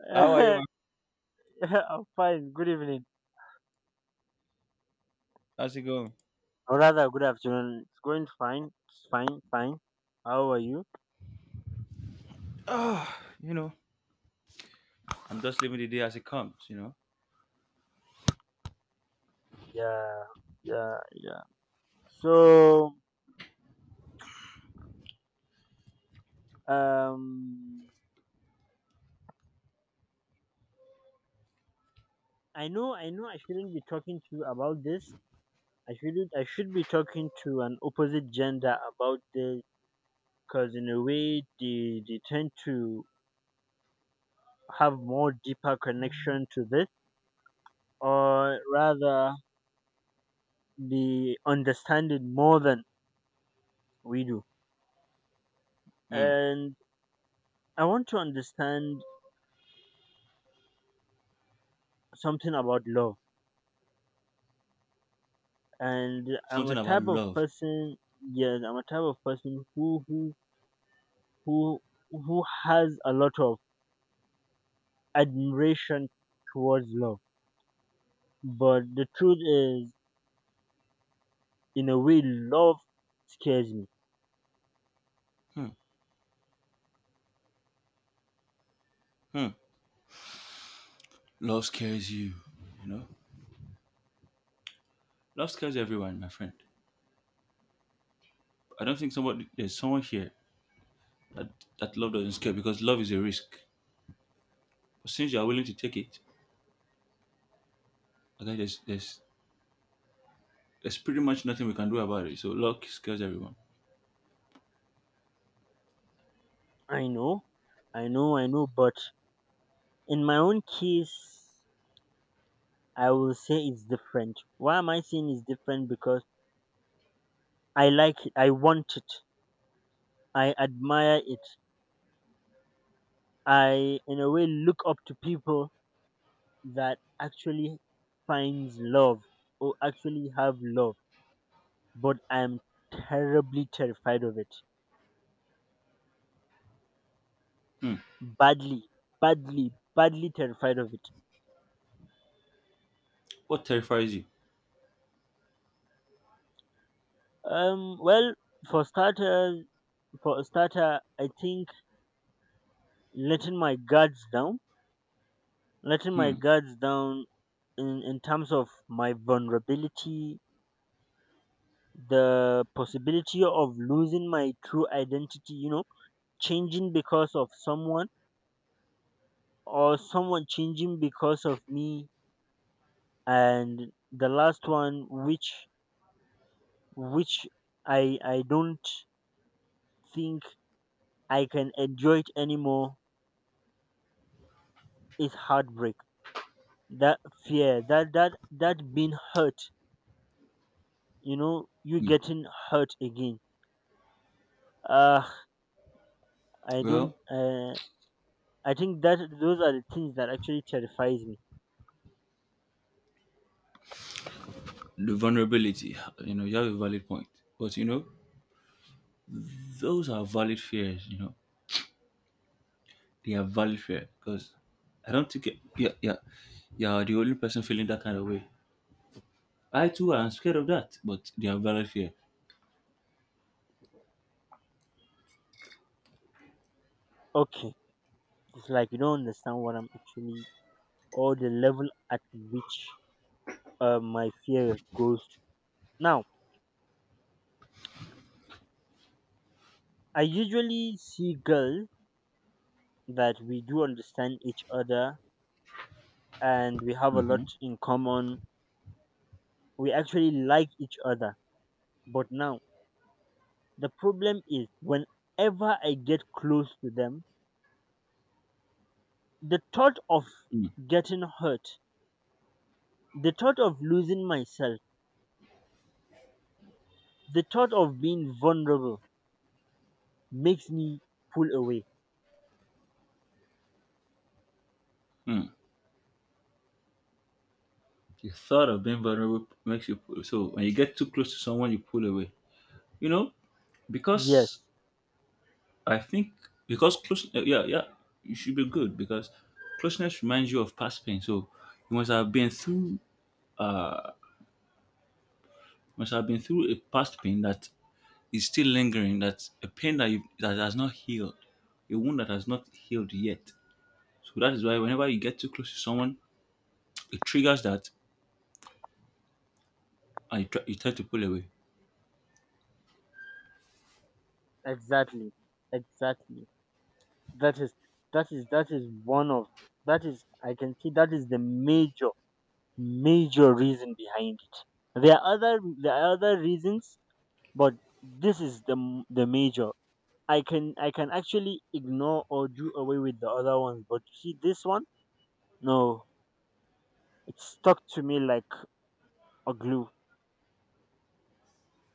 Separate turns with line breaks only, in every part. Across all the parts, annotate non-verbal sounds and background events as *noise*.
*laughs*
How are you,
I'm
man?
fine. Good evening,
How's it going?
or rather, good afternoon. It's going fine. It's fine, fine. How are you?
Ah, you know, I'm just living the day as it comes, you know.
Yeah, yeah, yeah. So, um, I know, I shouldn't be talking to you about this. I shouldn't. I should be talking to an opposite gender about this because, in a way, they tend to have more deeper connection to this, or rather, the understanding more than we do.
Hmm.
And I want to understand something about law, and I'm a
Something about
type of
love.
person. Yes, I'm a type of person who who has a lot of admiration towards law. But the truth is, in a way, love scares me.
Hmm. Hmm. Love scares you, you know. Love scares everyone, my friend. I don't think somebody there's someone here that, that love doesn't scare, because love is a risk. But since you are willing to take it, I think there's pretty much nothing we can do about it. So love scares everyone.
I know, I know. But in my own case, I will say it's different. Why am I saying it's different? Because I like it. I want it. I admire it. I, in a way, look up to people that actually finds love or actually have love but I'm terribly terrified of it,
Hmm.
badly badly terrified of it.
What terrifies you?
Well, for starters, for a starter, I think letting my guards down, letting my
Hmm.
guards down in terms of my vulnerability, the possibility of losing my true identity, you know, changing because of someone or someone changing because of me. And the last one, which I don't think I can enjoy it anymore, is heartbreak. That fear, that being hurt, you know, you getting hurt again. Uh I don't
Well,
I think that those are the things that actually terrifies me.
the vulnerability. You know, you have a valid point, but you know those are valid fears. You know, they are valid fear, because I don't think yeah, yeah, you're the only person feeling that kind of way. I too am scared of that, but they are valid fear.
Okay, it's like you don't understand what I'm actually, or the level at which, my fear goes to. Now I usually see girls that we do understand each other and we have a lot in common. We actually like each other. But now, the problem is whenever I get close to them, the thought of
Mm,
getting hurt, the thought of losing myself, the thought of being vulnerable makes me pull away.
mm. The thought of being vulnerable makes you pull. So when you get too close to someone, you pull away. You know,
Yes,
because I think because yeah, yeah, you should be good because closeness reminds you of past pain. So you must have been through, uh, must have been through a past pain that is still lingering. That's a pain that has not healed, a wound that has not healed yet. So that is why whenever you get too close to someone, it triggers that, and you try to pull away.
exactly. Exactly. That is that is one of, that is, I can see that is the major, major reason behind it. There are other, there are other reasons, but this is the major. I can actually ignore or do away with the other ones, but see this one, no, it stuck to me like a glue.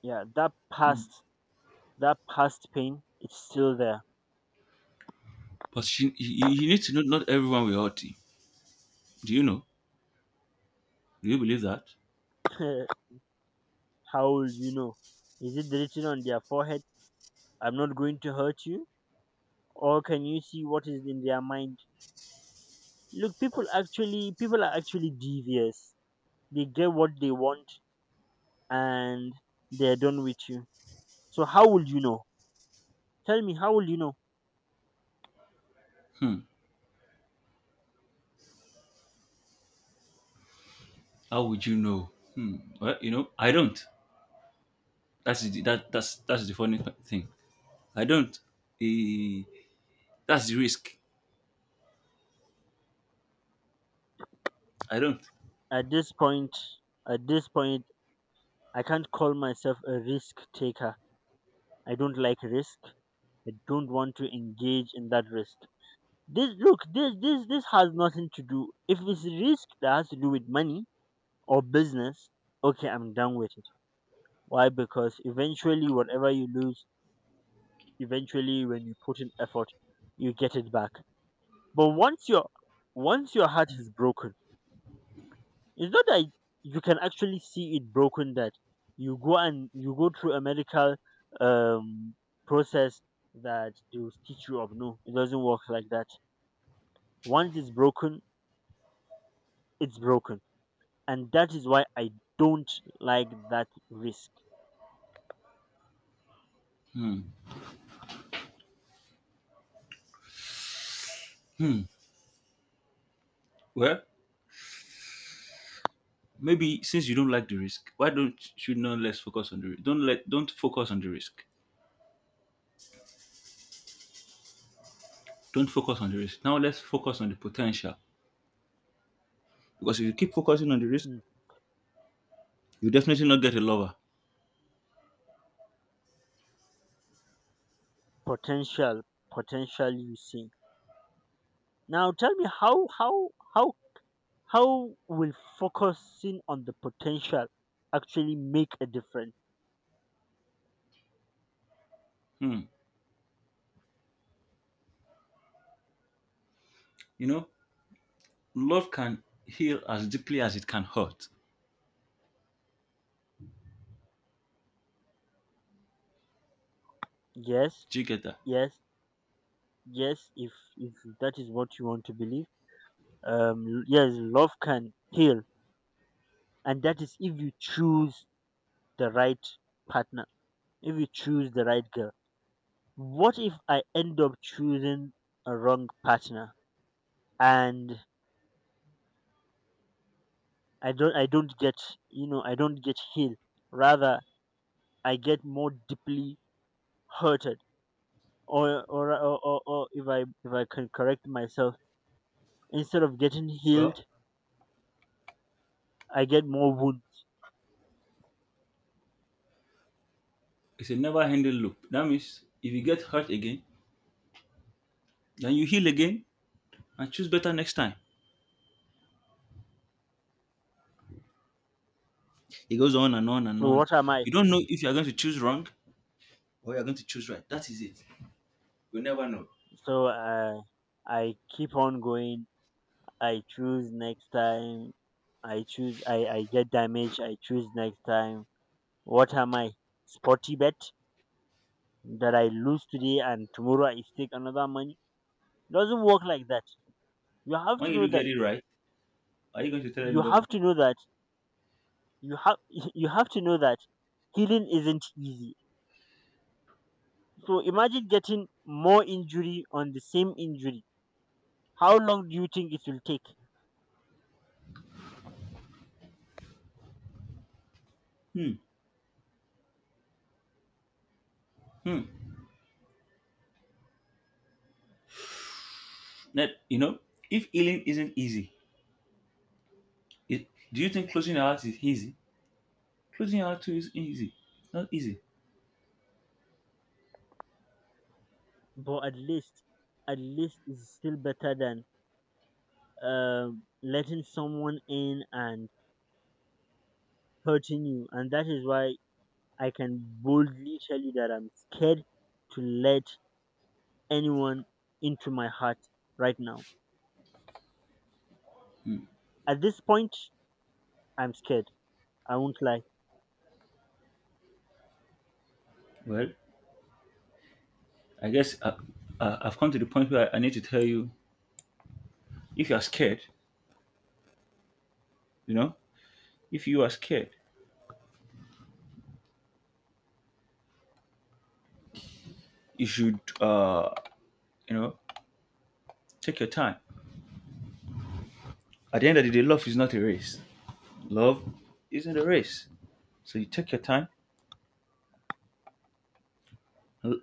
Yeah, that past, that past pain, it's still there.
But you need to know not everyone will hurt you. Do you know? Do you believe that?
*laughs* How will you know? Is it written on their forehead? I'm not going to hurt you, or can you see what is in their mind? Look, people are actually devious. They get what they want and they're done with you. So how will you know? Tell me, how will you know?
Hmm. How would you know? Hmm. Well, you know, I don't. That's the, that that's the funny thing. I don't. Eh, that's the risk. I don't.
At this point, at this point, I can't call myself a risk taker. I don't like risk. I don't want to engage in that risk. This, look, this has nothing to do if it's risk that has to do with money or business, okay, I'm done with it. Why? Because eventually whatever you lose, eventually when you put in effort, you get it back. But once your heart is broken, it's not that you can actually see it broken, that you go and you go through a medical um process that they will stitch you up. No, it doesn't work like that. Once it's broken, it's broken. And that is why I don't like that risk.
Hmm. Well, maybe since you don't like the risk, why don't you not let's focus on the risk? Don't focus on the risk. Don't focus on the risk. Now let's focus on the potential. Because if you keep focusing on the risk,
Hmm.
you definitely not get a lover.
Potential, potentially, you see. Now tell me, how how will focusing on the potential actually make a difference?
Hmm. You know, love can heal as deeply as it can hurt.
Yes,
Do you get that?
yes, yes. If that is what you want to believe, yes, love can heal, and that is if you choose the right partner, if you choose the right girl. What if I end up choosing a wrong partner, and I don't get, you know, I don't get healed. Rather, I get more deeply hurted, or if I can correct myself, instead of getting
Well,
healed, I get more wound.
it's a never-ending loop. That means if you get hurt again, then you heal again and choose better next time. It goes on and on and
So
on.
what am I?
You don't know if you are going to choose wrong or you are going to choose right. That is it. You never know.
So I keep on going. I choose next time. I choose. I get damaged. I choose next time. What am I? Sporty bet that I lose today and tomorrow I stake another money. Doesn't work like that. You have to
When you
know
do
that.
get it right, are you going to tell
You have
anybody?
to know that. You have *laughs* you have to know that healing isn't easy. So imagine getting more injury on the same injury. How long do you think it will take?
Hmm. Hmm. That you know, if healing isn't easy, do you think closing your heart is easy? Closing your heart too is easy. Not easy.
But at least it's still better than uh, letting someone in and hurting you. And that is why I can boldly tell you that I'm scared to let anyone into my heart right now. At this point, I'm scared. I won't lie.
Well, I guess I've come to the point where I need to tell you: if you are scared, you know, if you are scared, you should, you know, take your time. At the end of the day, love is not a race. Love isn't a race. So you take your time. L-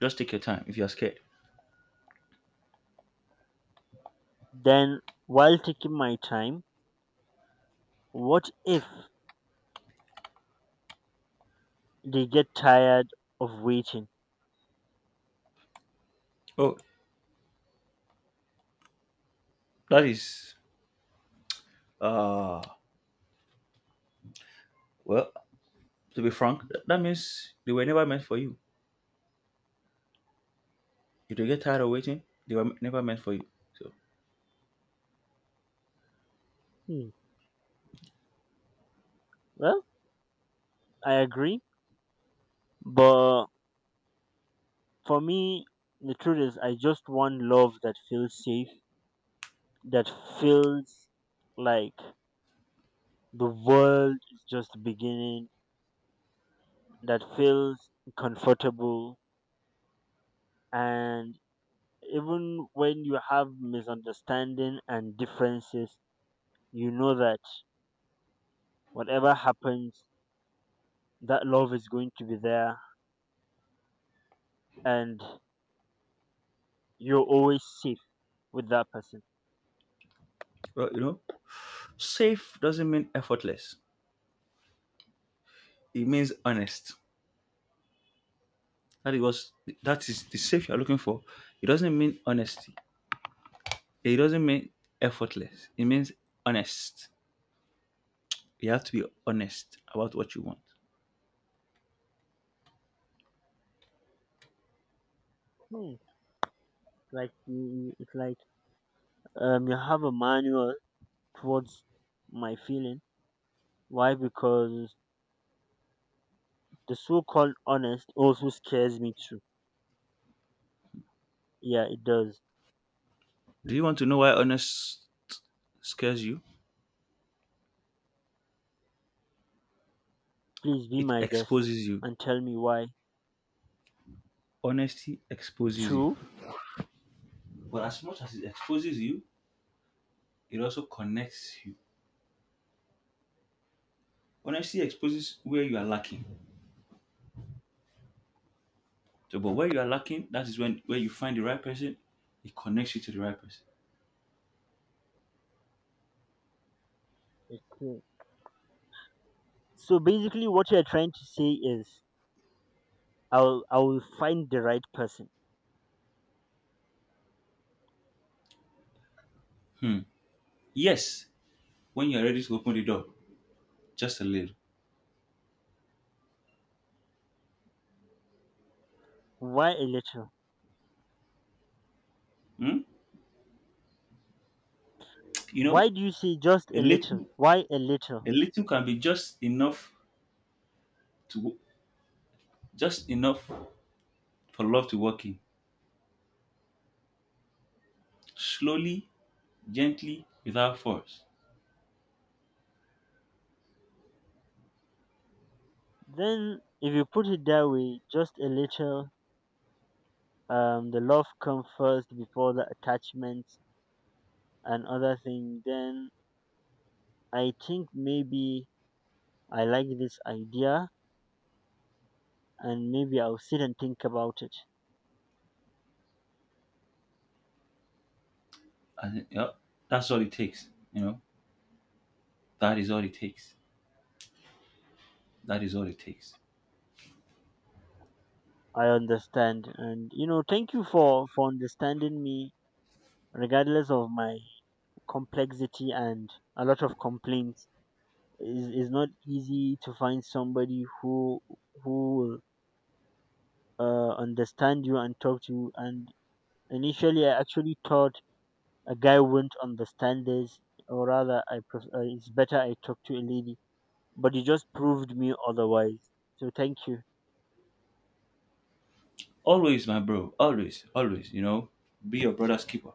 Just take your time if you are scared.
Then, while taking my time, what if they get tired of waiting?
Oh, that is. Uh, well, to be frank, that means they were never meant for you. If they get tired of waiting, they were never meant for you. So,
Hmm. Well, I agree. But for me, the truth is, I just want love that feels safe, that feels like the world is just beginning, that feels comfortable, and even when you have misunderstanding and differences, you know that whatever happens, that love is going to be there and you're always safe with that person.
well, you know, safe doesn't mean effortless. It means honest. That it was That is the safe you're looking for. It doesn't mean honesty. It doesn't mean effortless. It means honest. You have to be honest about what you want.
Hmm. Like you- it's like you have a manual towards my feeling. Why? Because the so-called honest also scares me too. Yeah, it does.
Do you want to know why honest scares you?
Please be
It
my guest
exposes you.
and tell me why.
Honesty exposes you.
Two,
But as much as it exposes you, it also connects you. Honesty exposes where you are lacking. So, but where you are lacking, that is when where you find the right person, it connects you to the right person.
okay. So basically, what you're trying to say is, I will find the right person.
Hmm. Yes, when you are ready to open the door, just a little.
Why a little?
Hmm? You know,
Why do you say just a
a
little?
little,
Why a
a
little?
little can be just enough to, just enough for love to work in. Slowly, gently, without force.
Then, if you put it that way, just a little. The love comes first before the attachment and other thing. Then I think maybe I like this idea, and maybe I'll sit and think about it.
And yeah, that's all it takes. You know, that is all it takes. That is all it takes.
I understand, and you know, thank you for understanding me, regardless of my complexity and a lot of complaints. Is not easy to find somebody who will, understand you and talk to you. And initially, I actually thought a guy wouldn't understand this, or rather, it's better I talk to a lady. But you just proved me otherwise. So thank you.
Always, my bro. Always, always. You know, be your brother's keeper.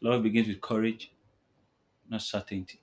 Love begins with courage, not certainty.